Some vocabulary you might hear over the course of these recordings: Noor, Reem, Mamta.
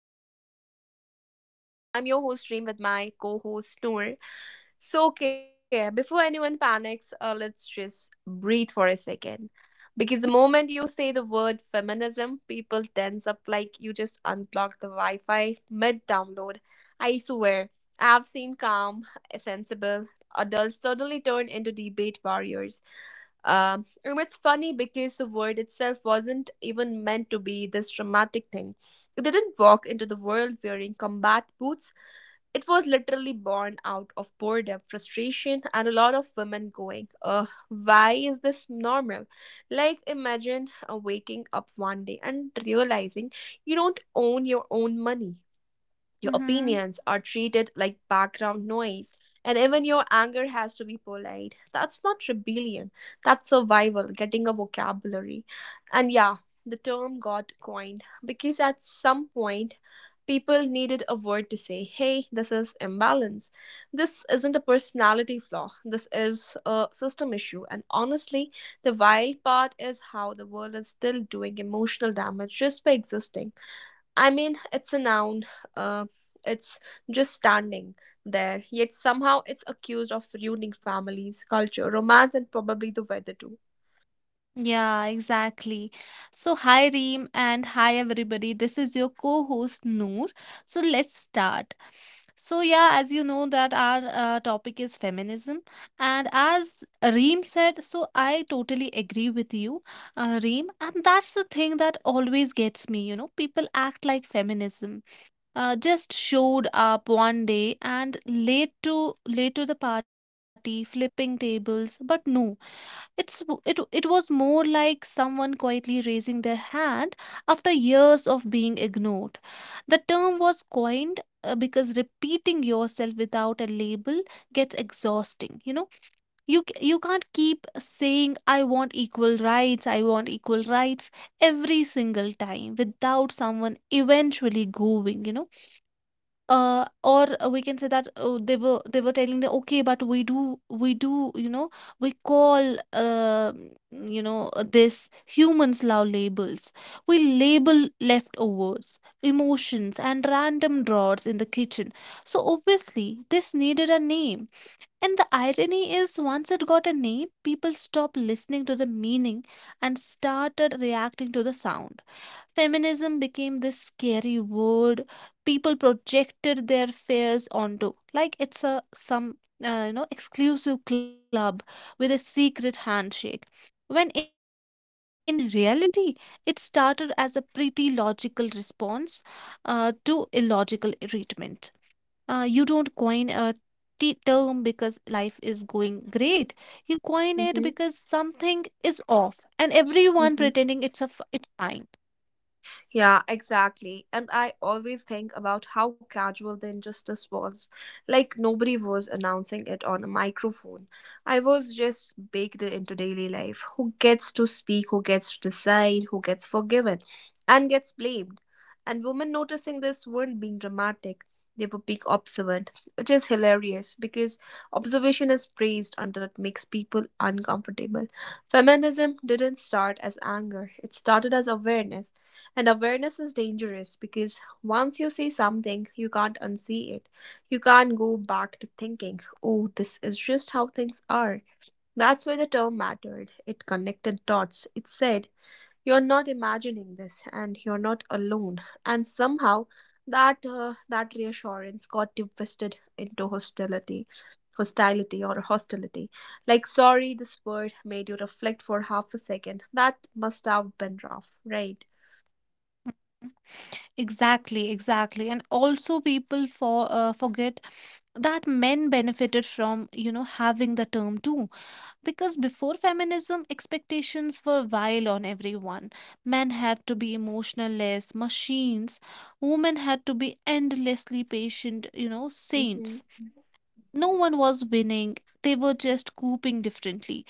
introduce you with me. I'm your host, Reem, with my co host, Noor. So, okay, before anyone panics, let's just breathe for a second. Because the moment you say the word feminism, people tense up like you just unplugged the Wi Fi mid download. I swear, I've seen calm, sensible, adults suddenly turned into debate warriors. And it's funny because the word itself wasn't even meant to be this dramatic thing. It didn't walk into the world wearing combat boots. It was literally born out of boredom, frustration, and a lot of women going, ugh, why is this normal? Like, imagine waking up one day and realizing you don't own your own money. Your Mm-hmm. opinions are treated like background noise, and even your anger has to be polite. That's not rebellion, that's survival, getting a vocabulary. And yeah, the term got coined because at some point, people needed a word to say, hey, this is imbalance. This isn't a personality flaw, this is a system issue. And honestly, the wild part is how the world is still doing emotional damage just by existing. I mean, it's a noun. Uh, it's just standing there, yet somehow it's accused of ruining families, culture, romance, and probably the weather too. Yeah, exactly. So, hi Reem and hi everybody. This is your co-host Noor. So, let's start. So, yeah, as you know that our topic is feminism, and as Reem said, so I totally agree with you, Reem, and that's the thing that always gets me, you know. People act like feminism just showed up one day and late to the party, flipping tables, but no. It was more like someone quietly raising their hand after years of being ignored. The term was coined because repeating yourself without a label gets exhausting. You know, you can't keep saying I want equal rights, I want equal rights every single time without someone eventually going, you know. Or we can say that, oh, they were telling the okay, but we do, you know, we call this humans love labels. We label leftovers, emotions, and random drawers in the kitchen. So obviously this needed a name. And the irony is, once it got a name, people stopped listening to the meaning and started reacting to the sound. Feminism became this scary word people projected their fears onto, like it's a some you know exclusive club with a secret handshake, when in reality it started as a pretty logical response to illogical treatment. You don't coin a term because life is going great. You coin it because Mm-hmm. something is off, and everyone pretending Mm-hmm. it's fine. Yeah, exactly. And I always think about how casual the injustice was. Like, nobody was announcing it on a microphone. I was just baked into daily life. Who gets to speak, who gets to decide, who gets forgiven, and gets blamed. And women noticing this weren't being dramatic. They were being observant, which is hilarious because observation is praised until it makes people uncomfortable. Feminism didn't start as anger, it started as awareness and awareness is dangerous because once you see something, you can't unsee it. You can't go back to thinking, oh, this is just how things are. That's why the term mattered. It connected dots. It said, you're not imagining this and you're not alone. And somehow, that reassurance got twisted into hostility, hostility or hostility. Like, sorry, this word made you reflect for half a second. That must have been rough, right? Exactly, exactly. And also people forget that men benefited from, you know, having the term too. Because before feminism, expectations were vile on everyone. Men had to be emotionless machines. Women had to be endlessly patient, you know, Mhm. saints. Mhm. No one was winning. They were just coping differently.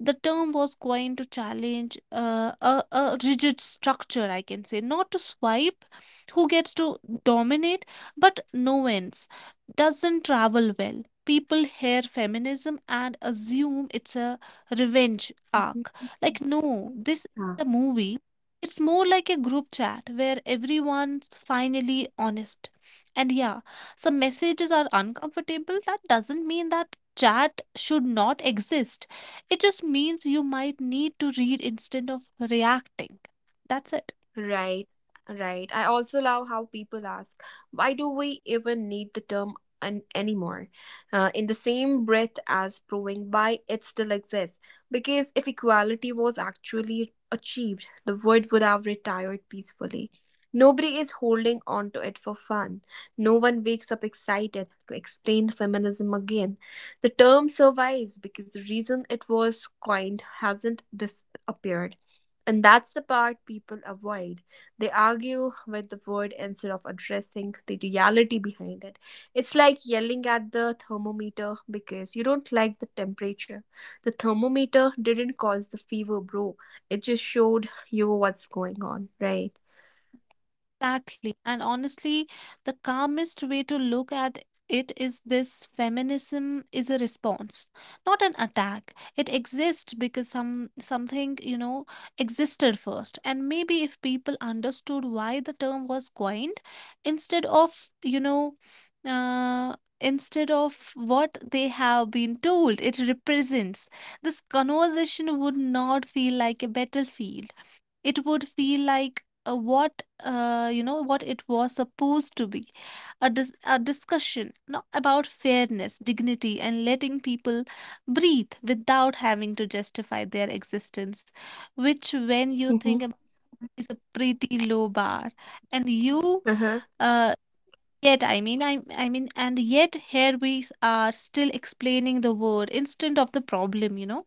The term was coined to challenge a rigid structure, I can say, not to swipe who gets to dominate, but no ends doesn't travel well. People hear feminism and assume it's a revenge Mhm. arc. Mhm. Like, no, this is Mhm. a movie. It's more like a group chat where everyone's finally honest. And yeah, some messages are uncomfortable. That doesn't mean that chat should not exist. It just means you might need to read instead of reacting. That's it. Right, right. I also love how people ask, why do we even need the term an anymore? In the same breath as proving why it still exists. Because if equality was actually achieved, the word would have retired peacefully. Nobody is holding on to it for fun. No one wakes up excited to explain feminism again. The term survives because the reason it was coined hasn't disappeared. And that's the part people avoid. They argue with the word instead of addressing the reality behind it. It's like yelling at the thermometer because you don't like the temperature. The thermometer didn't cause the fever, bro. It just showed you what's going on, right? Exactly. And honestly, the calmest way to look at it is this: feminism is a response, not an attack. It exists because some something, you know, existed first. And maybe if people understood why the term was coined, instead of, you know, instead of what they have been told it represents, this conversation would not feel like a battlefield. It would feel like what you know, what it was supposed to be: a, a discussion, no, about fairness, dignity, and letting people breathe without having to justify their existence, which, when you think about, Hmm. is a pretty low bar. And you Uh-huh. uh, yet I mean and yet here we are still explaining the word instead of the problem, you know.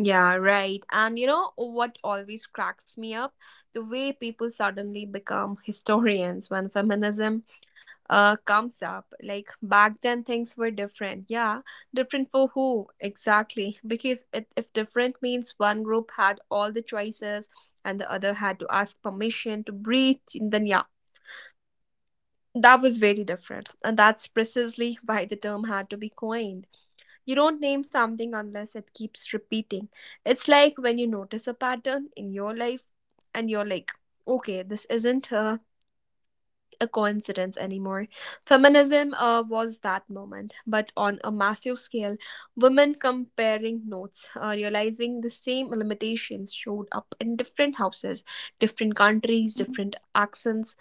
Yeah, right. And you know what always cracks me up? The way people suddenly become historians when feminism comes up. Like, back then, things were different. Yeah, different for who exactly? Because it, if different means one group had all the choices and the other had to ask permission to breathe, then yeah, that was very different. And that's precisely why the term had to be coined. You don't name something unless it keeps repeating. It's like when you notice a pattern in your life and you're like, okay, this isn't a coincidence anymore. Feminism was that moment, but on a massive scale, women comparing notes, realizing the same limitations showed up in different houses, different countries, different accents,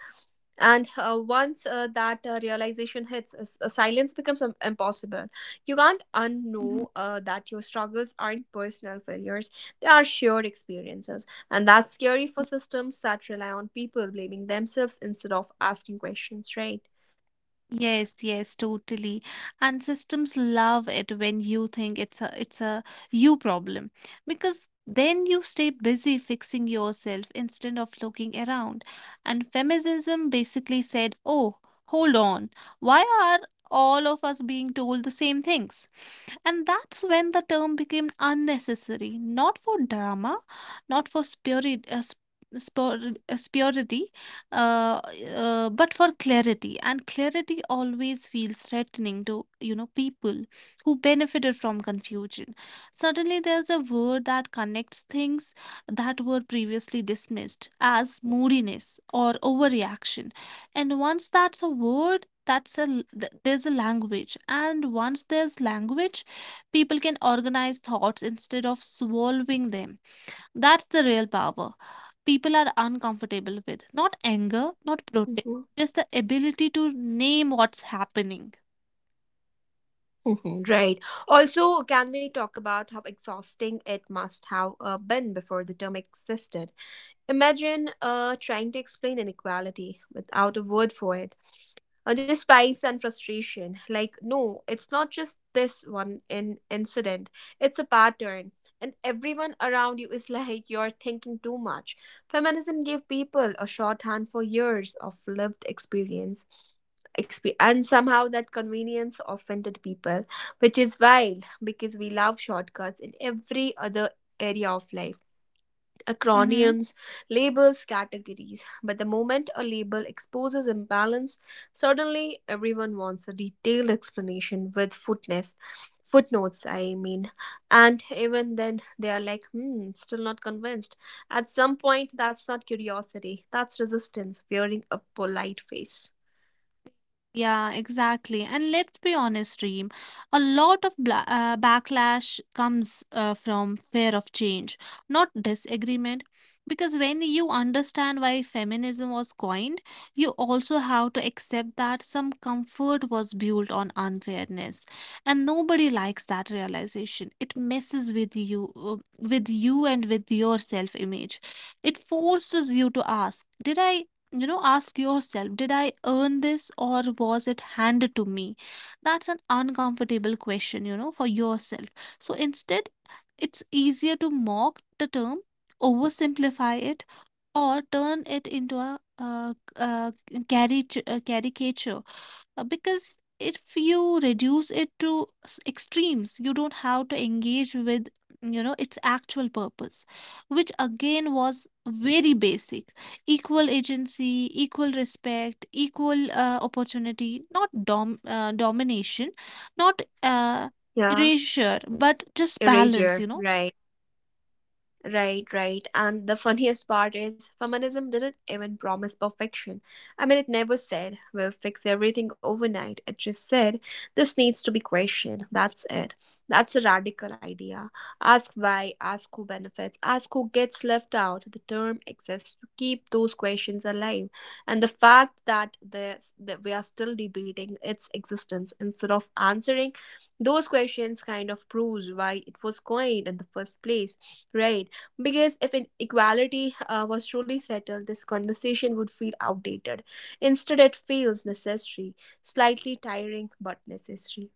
and once that realization hits, silence becomes impossible. You can't unknow that your struggles aren't personal failures, they are shared experiences. And that's scary for systems that rely on people blaming themselves instead of asking questions, right? Yes, yes, totally. And systems love it when you think it's a you problem, because then you stay busy fixing yourself instead of looking around. And feminism basically said, "Oh, hold on. Why are all of us being told the same things?" And that's when the term became unnecessary, not for drama, not for spurity, uh, but for clarity. And clarity always feels threatening to, you know, people who benefited from confusion. Suddenly there's a word that connects things that were previously dismissed as moodiness or overreaction. And once that's a word that's a l- th- there's a language, and once there's language, people can organize thoughts instead of swallowing them. That's the real power. People are uncomfortable with not anger, not protest, Hmm. just the ability to name what's happening. Hmm. Right. Also, can we talk about how exhausting it must have been before the term existed? Imagine trying to explain inequality without a word for it, the spikes and frustration. Like, no, it's not just this one in incident, it's a pattern, and everyone around you is like, you're thinking too much. Feminism gave people a shorthand for years of lived experience, and somehow that convenience offended people, which is wild because we love shortcuts in every other area of life. Acronyms, labels, categories. But the moment a label exposes imbalance, suddenly everyone wants a detailed explanation with footnotes. Footnotes, I mean. And even then, they are like, hmm, still not convinced. At some point, that's not curiosity, that's resistance, wearing a polite face. Yeah, exactly. And let's be honest, Reem, a lot of bla backlash comes from fear of change, not disagreement. Because when you understand why feminism was coined, you also have to accept that some comfort was built on unfairness. And nobody likes that realization. It messes with you, and with your self-image. It forces you to ask, did I you know, ask yourself, did I earn this or was it handed to me? That's an uncomfortable question, you know, for yourself. So instead, it's easier to mock the term, oversimplify it, or turn it into a caricature, because if you reduce it to extremes you don't have to engage with, you know, its actual purpose, which again was very basic: equal agency, equal respect, equal opportunity, not domination, not Yeah, erasure, but just erasure, balance, you know. right. Right, right. And the funniest part is, feminism didn't even promise perfection. I mean, it never said, we'll fix everything overnight. It just said, this needs to be questioned. That's it. That's a radical idea. Ask why, ask who benefits, ask who gets left out. The term exists to keep those questions alive. And the fact that, there's, that we are still debating its existence instead of answering those questions kind of proves why it was coined in the first place, right? Because if inequality was truly settled, this conversation would feel outdated. Instead, it feels necessary, slightly tiring, but necessary.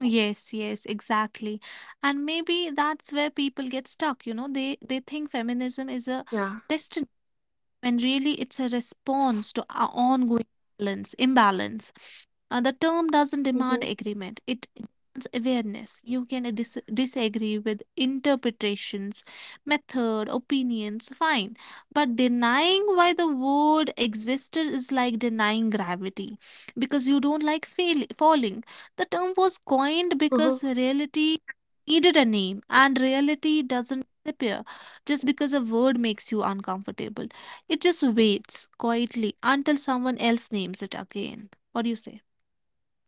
Yes, yes, exactly. And maybe that's where people get stuck, you know. They think feminism is a Yeah. destiny, when really it's a response to our ongoing imbalance. The term doesn't demand Hmm. agreement, it demands awareness. You can disagree with interpretations, method, opinions, fine. But denying why the word existed is like denying gravity because you don't like falling. The term was coined Huh. because reality needed a name, and reality doesn't disappear just because a word makes you uncomfortable. It just waits quietly until someone else names it again. What do you say?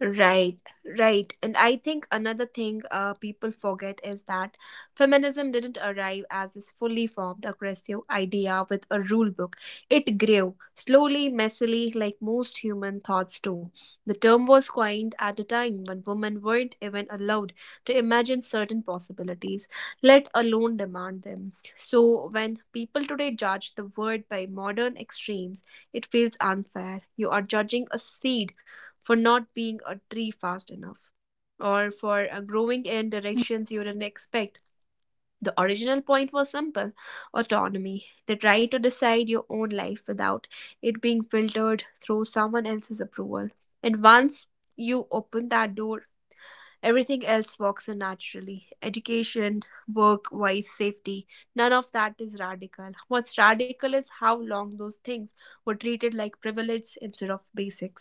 Right, right. And I think another thing people forget is that feminism didn't arrive as this fully formed, aggressive idea with a rule book. It grew slowly, messily, like most human thoughts do. The term was coined at a time when women weren't even allowed to imagine certain possibilities, let alone demand them. So when people today judge the word by modern extremes, it feels unfair. You are judging a seed for not being a tree fast enough, or for growing in directions you didn't expect. The original point was simple: autonomy, the right to decide your own life without it being filtered through someone else's approval. And once you open that door, everything else walks in naturally: education, work, wise safety. None of that is radical. What's radical is how long those things were treated like privilege instead of basics.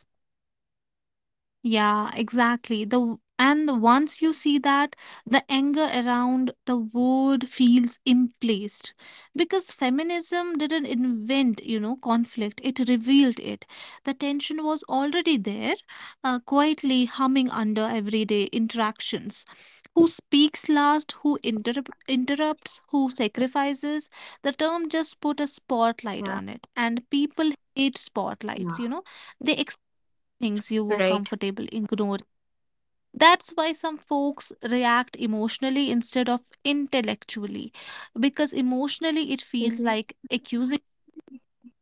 Yeah, exactly. The w- and the- Once you see that, the anger around the word feels implaced, because feminism didn't invent, you know, conflict. It revealed it. The tension was already there, quietly humming under everyday interactions. Who speaks last? Who interrupts? Who sacrifices? The term just put a spotlight Yeah. on it, and people hate spotlights. Yeah. You know, they things you were Right. comfortable ignoring. That's why some folks react emotionally instead of intellectually, because emotionally it feels Mhm. like accusing,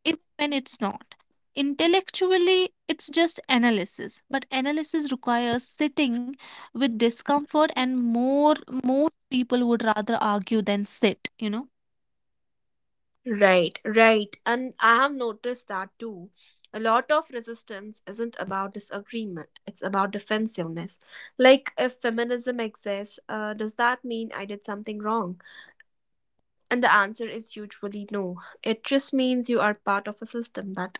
even when it's not. Intellectually, it's just analysis, but analysis requires sitting with discomfort, and more most people would rather argue than sit. You know. Right, right. And I have noticed that too. A lot of resistance isn't about disagreement, it's about defensiveness. Like, if feminism exists, does that mean I did something wrong? And the answer is usually no. It just means you are part of a system that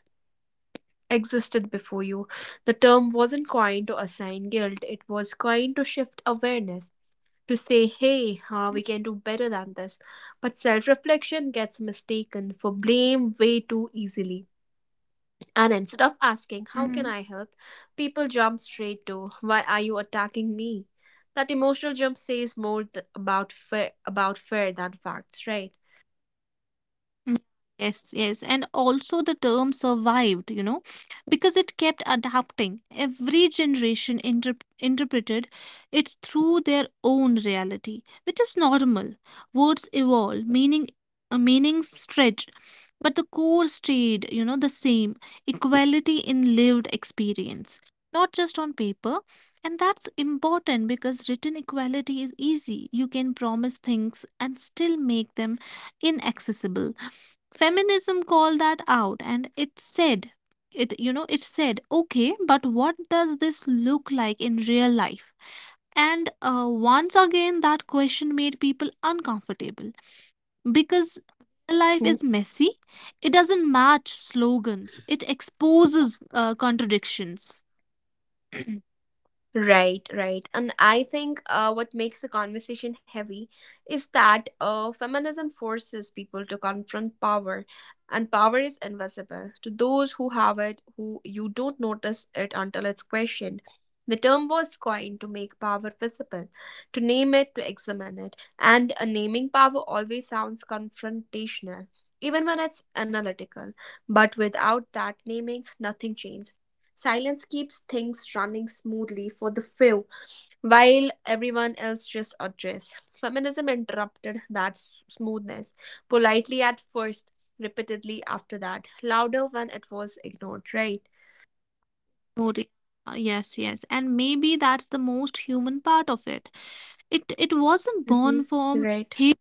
existed before you. The term wasn't coined to assign guilt, it was coined to shift awareness. To say, hey, we can do better than this. But self reflection gets mistaken for blame way too easily. And instead of Mhm. asking, how can I help? People jump straight to, why are you attacking me? That emotional jump says more about fear than facts, right? Mm, yes, yes. And also the term survived, you know, because it kept adapting. Every generation interpreted it through their own reality, which is normal. Words evolve, meaning meanings stretch, but the core stayed, you know, the same. Equality in lived experience, not just on paper. And that's important because written equality is easy. You can promise things and still make them inaccessible. Feminism called that out, and it said, it, you know, it said, okay, but what does this look like in real life? And once again that question made people uncomfortable, because real life is messy. It doesn't match slogans, it exposes contradictions. Right, right. And I think what makes the conversation heavy is that feminism forces people to confront power, and power is invisible. To those who have it, who you don't notice it until it's questioned. The term was coined to make power visible, to name it, to examine it. And naming power always sounds confrontational, even when it's analytical. But without that naming, nothing changes. Silence keeps things running smoothly for the few, while everyone else just adjusts. Feminism interrupted that smoothness, politely at first, repeatedly after that, louder when it was ignored, right? Moria. Yes, yes. And maybe that's the most human part of it. It wasn't born Mm-hmm. from Right. hate,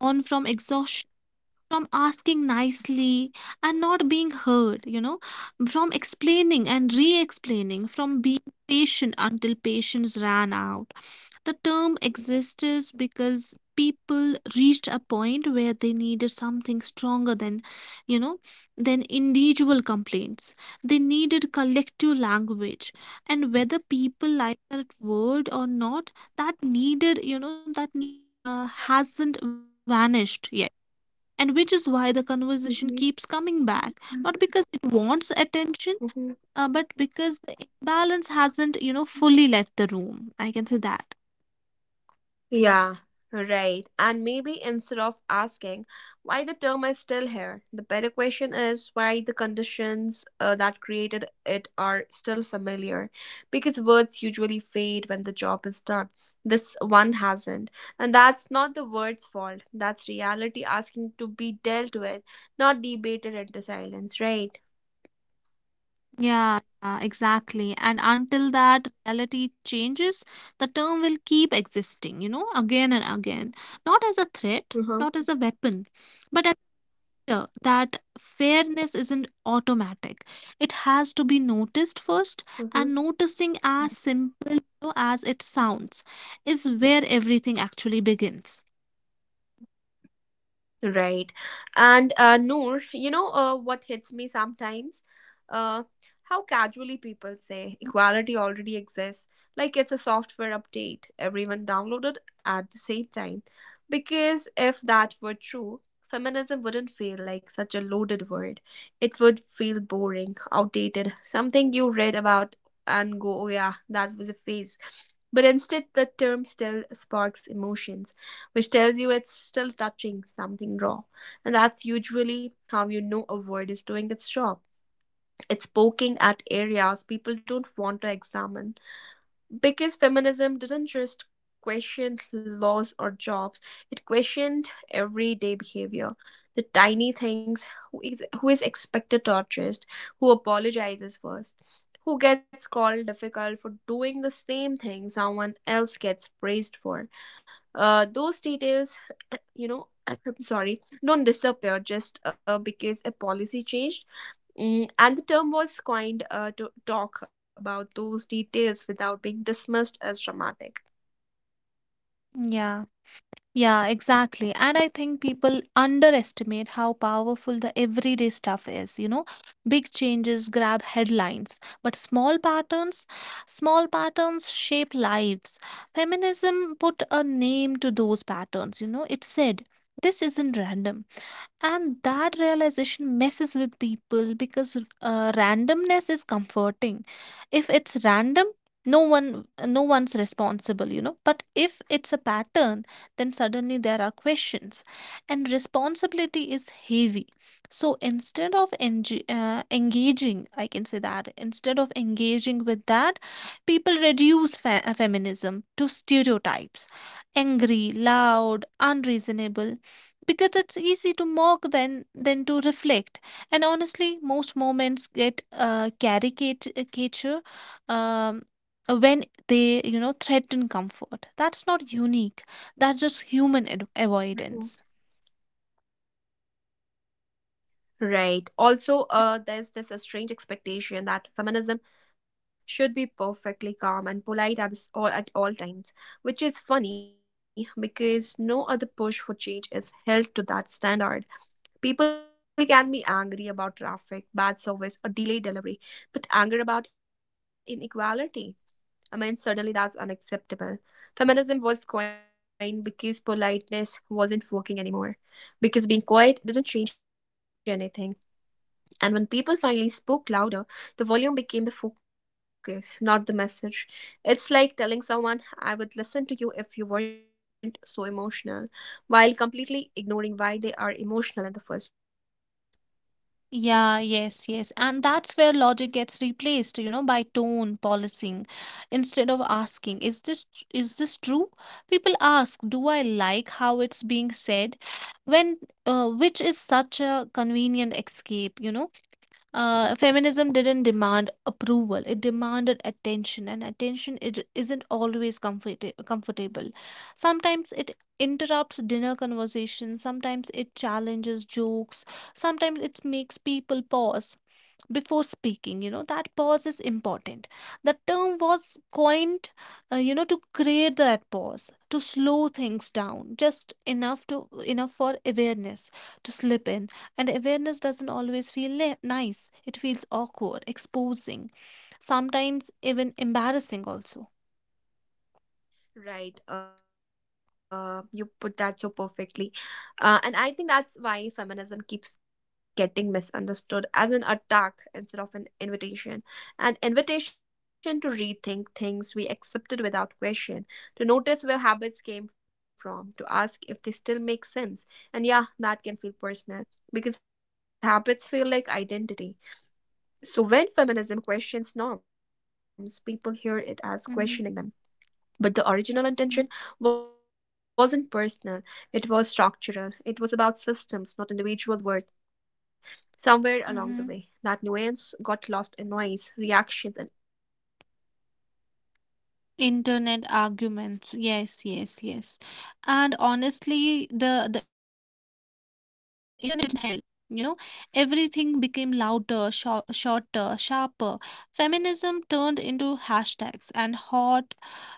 born from exhaustion, from asking nicely and not being heard, you know, from explaining and re-explaining, from being patient until patience ran out. The term exists because people reached a point where they needed something stronger than, you know, than individual complaints. They needed collective language. And whether people like that word or not, that need hasn't vanished yet. And which is why the conversation Mm-hmm. keeps coming back, not because it wants attention, but because the imbalance hasn't, you know, fully left the room. I can say that. Yeah, right. And maybe instead of asking why the term is still here, the better question is why the conditions that created it are still familiar. Because words usually fade when the job is done. This one hasn't. And that's not the word's fault. That's reality asking to be dealt with, not debated into silence, right? Yeah, yeah, exactly. And until that reality changes, the term will keep existing, you know, again and again. Not as a threat, Uh-huh. not as a weapon, but as a fear that fairness isn't automatic. It has to be noticed first, and noticing, as simple, you know, as it sounds, is where everything actually begins. Right. And Noor, you know what hits me sometimes? Uh, how casually people say equality already exists, like it's a software update, everyone downloaded at the same time. Because if that were true, feminism wouldn't feel like such a loaded word. It would feel boring, outdated, something you read about and go, oh yeah, that was a phase. But instead, the term still sparks emotions, which tells you it's still touching something raw. And that's usually how you know a word is doing its job. It's poking at areas people don't want to examine, because feminism didn't just question laws or jobs, it questioned everyday behavior, the tiny things. Who is, who is expected to adjust, who apologizes first, who gets called difficult for doing the same thing someone else gets praised for, those details you know I'm sorry don't disappear just because a policy changed. Mm, and the term was coined to talk about those details without being dismissed as dramatic. Yeah, yeah, exactly. And I think people underestimate how powerful the everyday stuff is, you know. Big changes grab headlines, but small patterns shape lives. Feminism put a name to those patterns, you know. It said, this isn't random. And that realization messes with people because randomness is comforting. If it's random, no one's responsible, you know. But if it's a pattern, then suddenly there are questions, and responsibility is heavy. So instead of enj engaging, I can say, that instead of engaging with that, people reduce feminism to stereotypes, angry, loud, unreasonable, because it's easy to mock than to reflect. And honestly, most moments get caricature um, when they, you know, threaten comfort. That's not unique, that's just human avoidance. Mhm. Right. Also, there's this a strange expectation that feminism should be perfectly calm and polite at all times, which is funny because no other push for change is held to that standard. People can be angry about traffic, bad service, or delayed delivery, but anger about inequality. I mean, suddenly that's unacceptable. Feminism was coined because politeness wasn't working anymore, because being quiet didn't change anything and when people finally spoke louder, the volume became the focus, not the message. It's like telling someone, I would listen to you if you weren't so emotional, while completely ignoring why they are emotional in the first place, right? Yeah, yes, yes. And that's where logic gets replaced, you know, by tone policing. Instead of asking, is this true? People ask, do I like how it's being said? When which is such a convenient escape, you know? Feminism didn't demand approval, it demanded attention, and attention it isn't always comfortable. Sometimes it interrupts dinner conversations, sometimes it challenges jokes, sometimes it makes people pause before speaking. You know, that pause is important. The term was coined, you know, to create that pause, to slow things down just enough for awareness to slip in. And awareness doesn't always feel nice, it feels awkward, exposing, sometimes even embarrassing also. Right. You put that so perfectly. And I think that's why feminism keeps getting misunderstood as an attack instead of an invitation. An invitation to rethink things we accepted without question, to notice where habits came from, to ask if they still make sense. And yeah, that can feel personal because habits feel like identity. So when feminism questions norms, people hear it as Mm-hmm. questioning them. But the Mm-hmm. original intention wasn't personal, it was structural. It was about systems, not individual worth. Somewhere along the Mm-hmm. way, that nuance got lost in noise, reactions, and internet arguments, right? Internet arguments. Yes, yes, yes. And honestly, the internet didn't help. You know, everything became louder, shorter, sharper. Feminism turned into hashtags and hot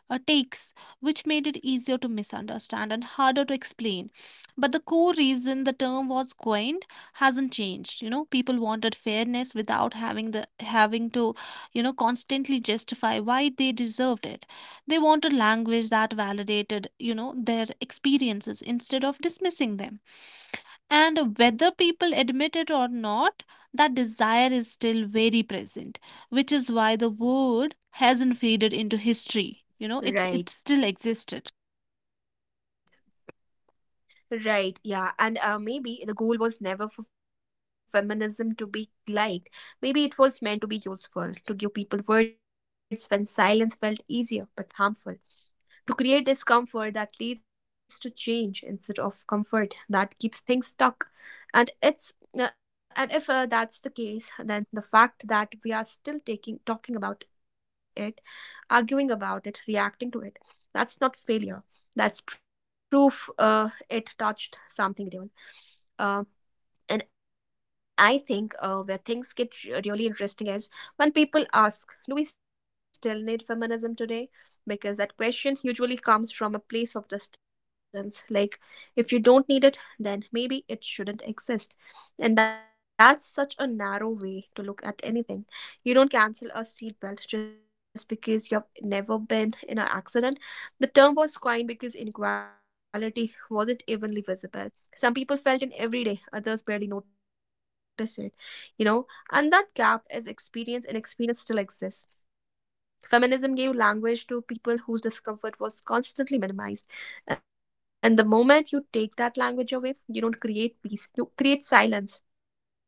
takes, which made it easier to misunderstand and harder to explain. But the core reason the term was coined hasn't changed. You know, people wanted fairness without having to, you know, constantly justify why they deserved it. They want a language that validated, you know, their experiences instead of dismissing them. And whether people admit it or not, that desire is still very present, which is why the word hasn't faded into history. You know, it still existed. Right. Right, yeah, and maybe the goal was never for feminism to be liked. Maybe it was meant to be useful, to give people words when silence felt easier but harmful, to create discomfort that leads to change instead of comfort that keeps things stuck. And it's and if that's the case, then the fact that we are still taking talking about it, arguing about it, reacting to it, that's not failure that's proof it touched something real. Um and I think where things get really interesting is when people ask, do we still need feminism today? Because that question usually comes from a place of distance. Like, if you don't need it, then maybe it shouldn't exist. And that's such a narrow way to look at anything. You don't cancel a seatbelt just because you've never been in an accident. The term was coined because inequality wasn't evenly visible, some people felt in every day, others barely notice it, you know, and that gap is experience, and experience still exists. Feminism gave language to people whose discomfort was constantly minimized. And the moment you take that language away, you don't create peace, you create silence.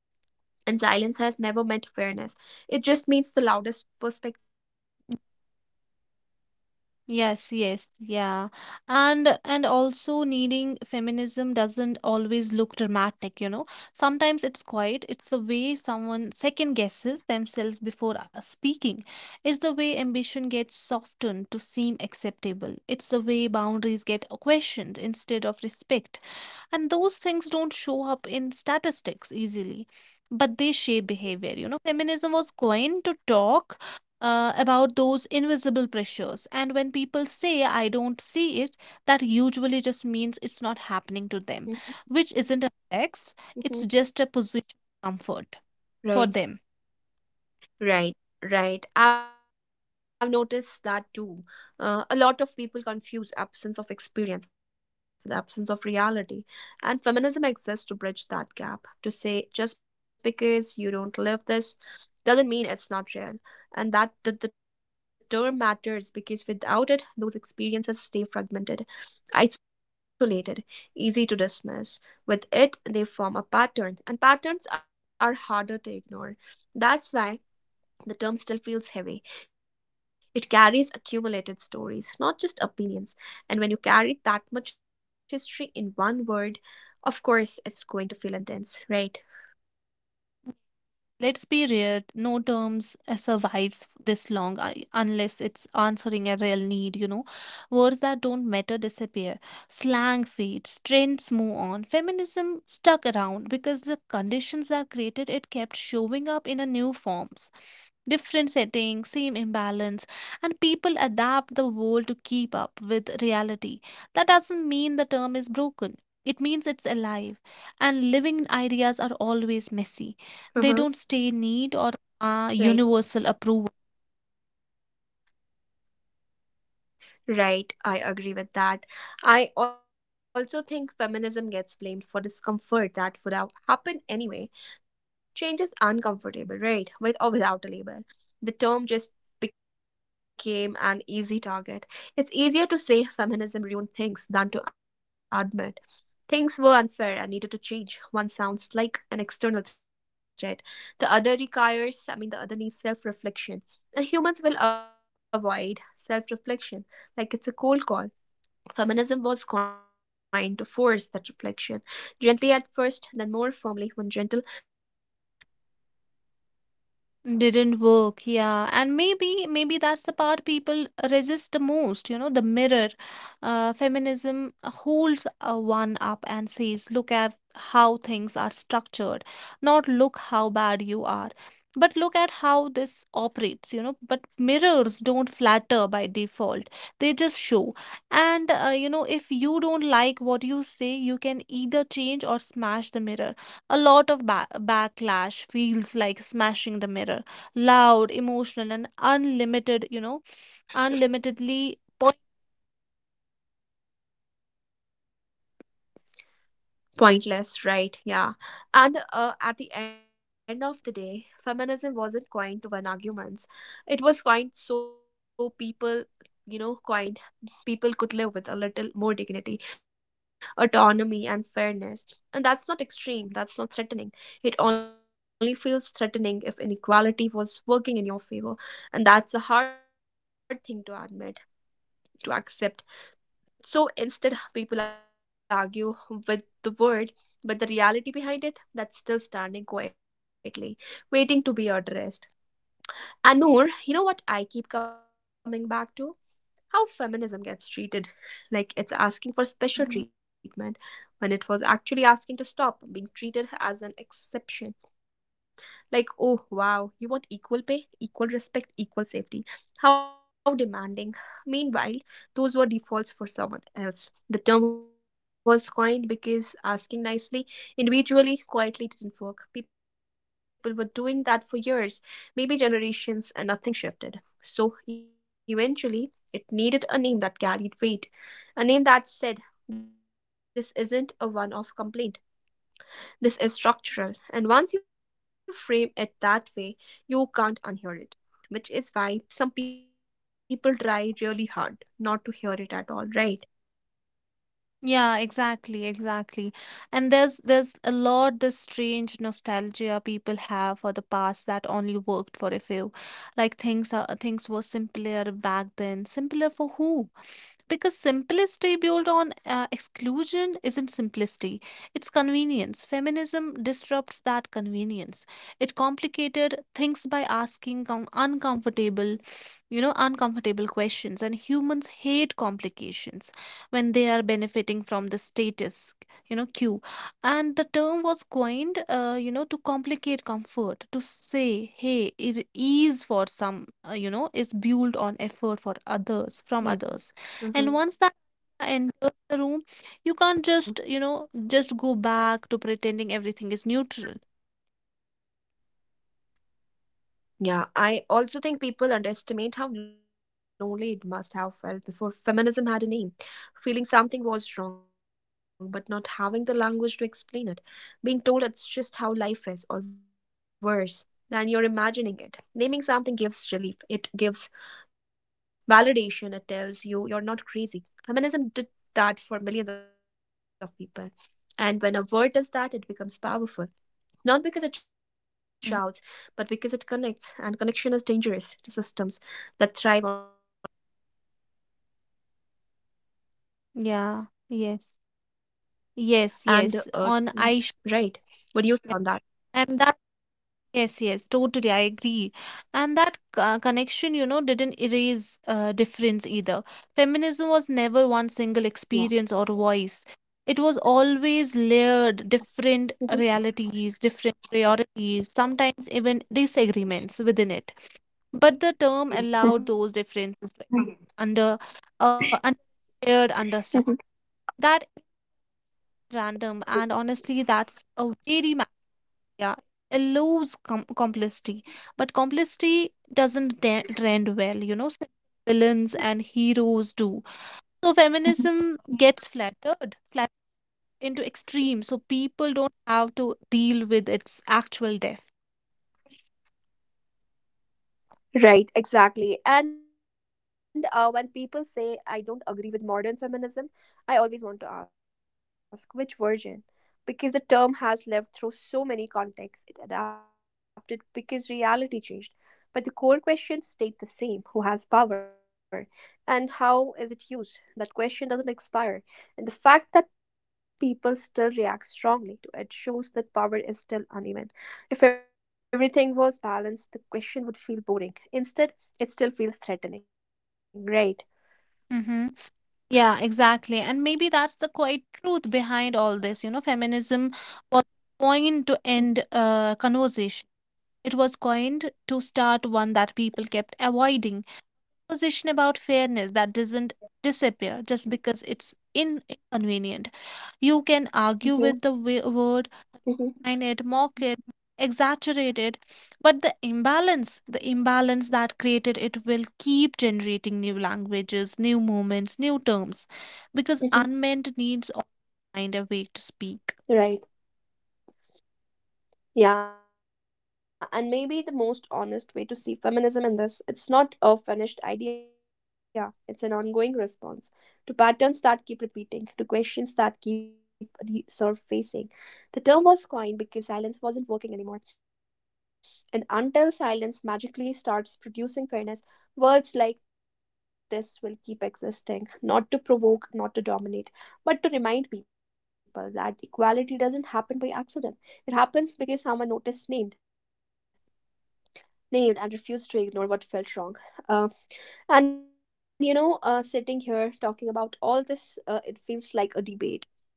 And silence has never meant fairness, it just means the loudest perspective won again, right? Yes, yes, yeah. And also, needing feminism doesn't always look dramatic, you know. Sometimes it's quiet. It's the way someone second guesses themselves before speaking. It's the way ambition gets softened to seem acceptable. It's the way boundaries get questioned instead of respect. And those things don't show up in statistics easily, but they shape behavior. You know, feminism was Mm-hmm. coined to talk about those invisible pressures. And when people say, I don't see it, that usually just means it's not happening to them, Mm-hmm. which isn't a flex, it's just a position Mhm. of comfort for Right. them. Right, right. I've noticed that too. A lot of people confuse absence of experience with absence of reality, and feminism exists to bridge that gap. To say just because you don't live this doesn't mean it's not real, and that the term matters because without it, those experiences stay fragmented, isolated, easy to dismiss. With it, they form a pattern, and patterns are harder to ignore. That's why the term still feels heavy. It carries accumulated stories, not just opinions. And when you carry that much history in one word, of course, it's going to feel intense, right? Let's be real, no terms survives this long unless it's answering a real need, you know. Words that don't matter disappear, slang fades, trends move on. Feminism stuck around because the conditions that created it kept showing up in a new forms, different settings, same imbalance, and people adapt the world to keep up with reality. That doesn't mean the term is broken. It means it's alive, and living ideas are always messy. They Uh-huh. don't stay neat or universal Right. approval. Right, I agree with that. I also think feminism gets blamed for discomfort that would have happened anyway. Change is uncomfortable, right? With or without a label. The term just became an easy target. It's easier to say feminism ruined things than to admit things were unfair and needed to change. One sounds like an external threat. The other requires, I mean, the other needs self reflection. And humans will avoid self reflection like it's a cold call. Feminism was coined to force that reflection, gently at first, then more firmly when gentle didn't work. What do you say on that? Didn't work, yeah. And maybe that's the part people resist the most, you know, the mirror. Feminism holds one up and says, look at how things are structured, not look how bad you are. But look at how this operates, you know. But mirrors don't flatter by default. They just show. And you know, if you don't like what you say, you can either change or smash the mirror. A lot of backlash feels like smashing the mirror. Loud, emotional, and unlimited, you know, unlimitedly. Point. Pointless, right? Yeah. And at the end of the day, feminism wasn't coined to win arguments. It was coined so people, you know, coined people could live with a little more dignity, autonomy, and fairness. And that's not extreme, that's not threatening. It only feels threatening if inequality was working in your favor. And that's a hard thing to admit, to accept, so instead, people argue with the word, but the reality behind it that's still standing quietly, waiting to be addressed. And Noor, you know what I keep coming back to? How feminism gets treated like it's asking for special treatment when it was actually asking to stop being treated as an exception. Like, oh wow, you want equal pay, equal respect, equal safety. How demanding. Meanwhile, those were defaults for someone else. The term was coined because asking nicely, individually, quietly didn't work. People were doing that for years, maybe generations, and nothing shifted. So eventually, it needed a name that carried weight, a name that said, this isn't a one off complaint. This is structural, and once you frame it that way, you can't unhear it, which is why some people try really hard not to hear it at all, right? Yeah, exactly, exactly. And there's a lot, this strange nostalgia people have for the past that only worked for a few. Like things were simpler back then. Simpler for who? Because simplicity built on exclusion isn't simplicity, it's convenience. Feminism disrupts that convenience. It complicated things by asking uncomfortable, you know, uncomfortable questions. And humans hate complications when they are benefiting from the status, you know, quo. And the term was coined, you know, to complicate comfort, to say, hey, it ease for some, you know, is built on effort for others, from others, and once that idea enters the room, Yeah. you can't Mhm. just, just go back to pretending everything is neutral. Yeah, I also think people underestimate how lonely it must have felt before feminism had a name. Feeling something was wrong, but not having the language to explain it. Being told it's just how life is, or worse than you're imagining it. Naming something gives relief, it gives validation, it tells you you're not crazy. Feminism did that for millions of people. And when a word does that, it becomes powerful. Not because it Mhm. shouts, but because it connects, and connection is dangerous to systems that thrive on isolation. yeah yes yes yes And uh, on I mm, right, what do you say on And that? that, yes, totally, I agree. And that, connection, you know, didn't erase difference either. Feminism was never one single experience or voice, it was always layered, different Mhm. realities, different priorities, sometimes even disagreements within it. But the term allowed those differences to under under shared understanding. That is random, and honestly, that's a yeah. It allows complicity, but complicity doesn't trend well. You know, some villains and heroes do. So feminism Mhm. gets flattered, flattered into extremes, so people don't have to deal with its actual depth. Right, exactly. And when people say I don't agree with modern feminism, I always want to ask which version? Because the term has lived through so many contexts, it adapted because reality changed. But the core question stayed the same, who has power and how is it used? That question doesn't expire. And the fact that people still react strongly to it shows that power is still uneven. If everything was balanced, the question would feel boring. Instead, it still feels threatening, right? Mm-hmm. Yeah, exactly. And maybe that's the quiet truth behind all this. You know, feminism was coined to end a Mhm, conversation. It was coined to start one that people kept avoiding. Position about fairness that doesn't disappear just because it's inconvenient. You can argue mhm, with the word, it, mhm, mock it, exaggerate it. But the imbalance that created it will keep generating new languages, new movements, new terms, because unmet needs mhm. all find a way to speak. Right. Yeah, and maybe the most honest way to see feminism in this, it's not a finished idea. It's an ongoing response to patterns that keep repeating, to questions that keep resurfacing. The term was coined because silence wasn't working anymore. And until silence magically starts producing fairness, words like this will keep existing, not to provoke, not to dominate, but to remind people that equality doesn't happen by accident. It happens because someone noticed, named and refused to ignore what felt wrong. Uh, and you know, sitting here talking about all this, it feels like a debate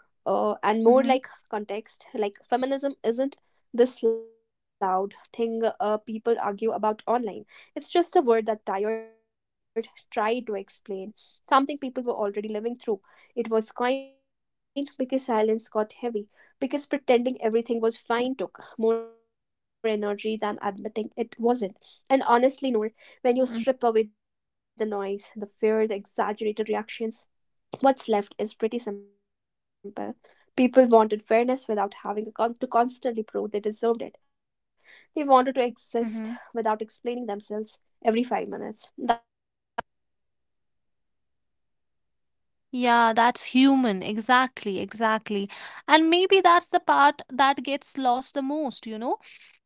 and more like Mm-hmm. context, like feminism isn't this loud thing people argue about online, it's just a word that tired tried to explain something people were already living through. It was coined because silence got heavy, because pretending everything was fine took more energy than admitting it wasn't. And honestly, Noor, when you strip away the noise, the fear, the exaggerated reactions, what's left is pretty simple. People wanted fairness without having to constantly prove they deserved it. They wanted to exist Mm-hmm. without explaining themselves every 5 minutes. That's not revolutionary, that's human. What's your say on that? Yeah, that's human. Exactly, exactly. And maybe that's the part that gets lost the most, you know?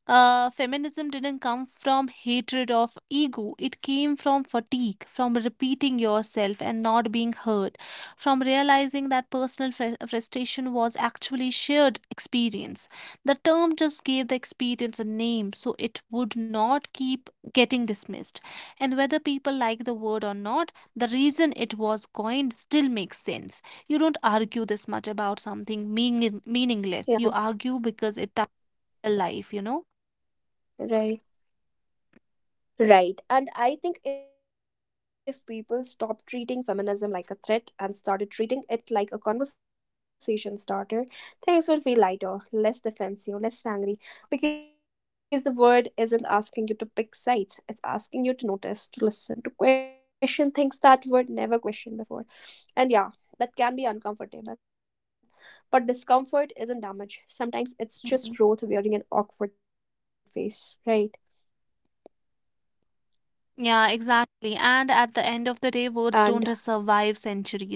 Feminism didn't come from hatred of ego. It came from fatigue, from repeating yourself and not being heard, from realizing that personal frustration was actually shared experience. The term just gave the experience a name so it would not keep getting dismissed. And whether people like the word or not, the reason it was coined still makes sense. You don't argue this much about something meaningless. You Yeah, argue because it touched your life, you know? right. Right. And I think if people stopped treating feminism like a threat and started treating it like a conversation starter, things would feel lighter, less defensive, less angry, because the word isn't asking you to pick sides. It's asking you to notice, to listen, to question things that were never questioned before. And yeah, that can be uncomfortable. But discomfort isn't damage. Mhm. Sometimes it's just growth wearing an awkward face, right? Yeah, exactly. And at the end of the day, words don't And just survive centuries, you know, un-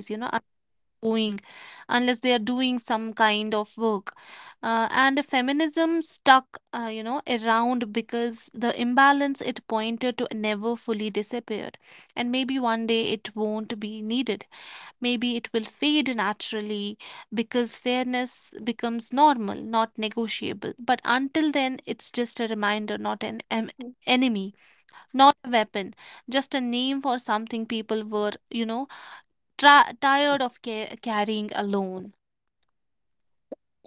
doing unless they are doing some kind of work. And feminism stuck, you know, around because the imbalance it pointed to never fully disappeared. And maybe one day it won't be needed. Maybe it will fade naturally because fairness becomes normal, not negotiable. But until then, it's just a reminder, not an Mhm. Enemy. Not a weapon, just a name for something people were, you know, tired of carrying alone.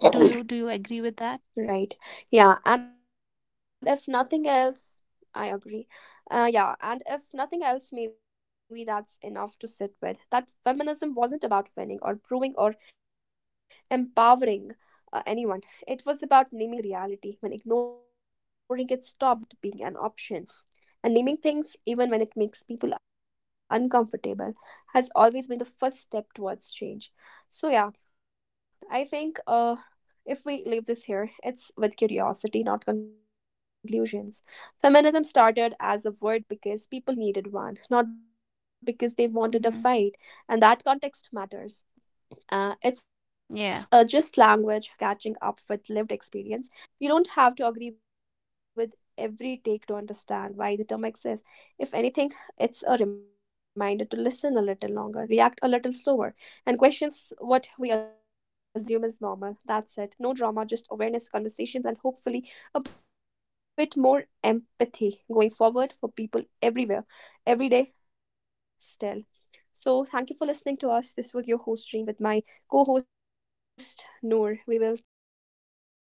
Do you agree with that? Right. Yeah. And if nothing else, I agree. Yeah. And if nothing else, maybe that's enough to sit with. That feminism wasn't about winning or proving or empowering anyone, it was about naming reality when ignoring it stopped being an option. And naming things, even when it makes people uncomfortable, has always been the first step towards change. So, yeah. I think if we leave this here, it's with curiosity, not conclusions. Feminism started as a word because people needed one, not because they wanted a fight, Hmm. and that context matters. It's Yeah. just language catching up with lived experience. You don't have to agree with every take to understand why the term exists. If anything, it's a reminder to listen a little longer, react a little slower, and questions what we assume is normal. That's it. No drama, just awareness, conversations, and hopefully a bit more empathy going forward for people everywhere, every day still. So, thank you for listening to us. This was your host, Dream, with my co host Noor. We will catch you in the Noor, next episode. Till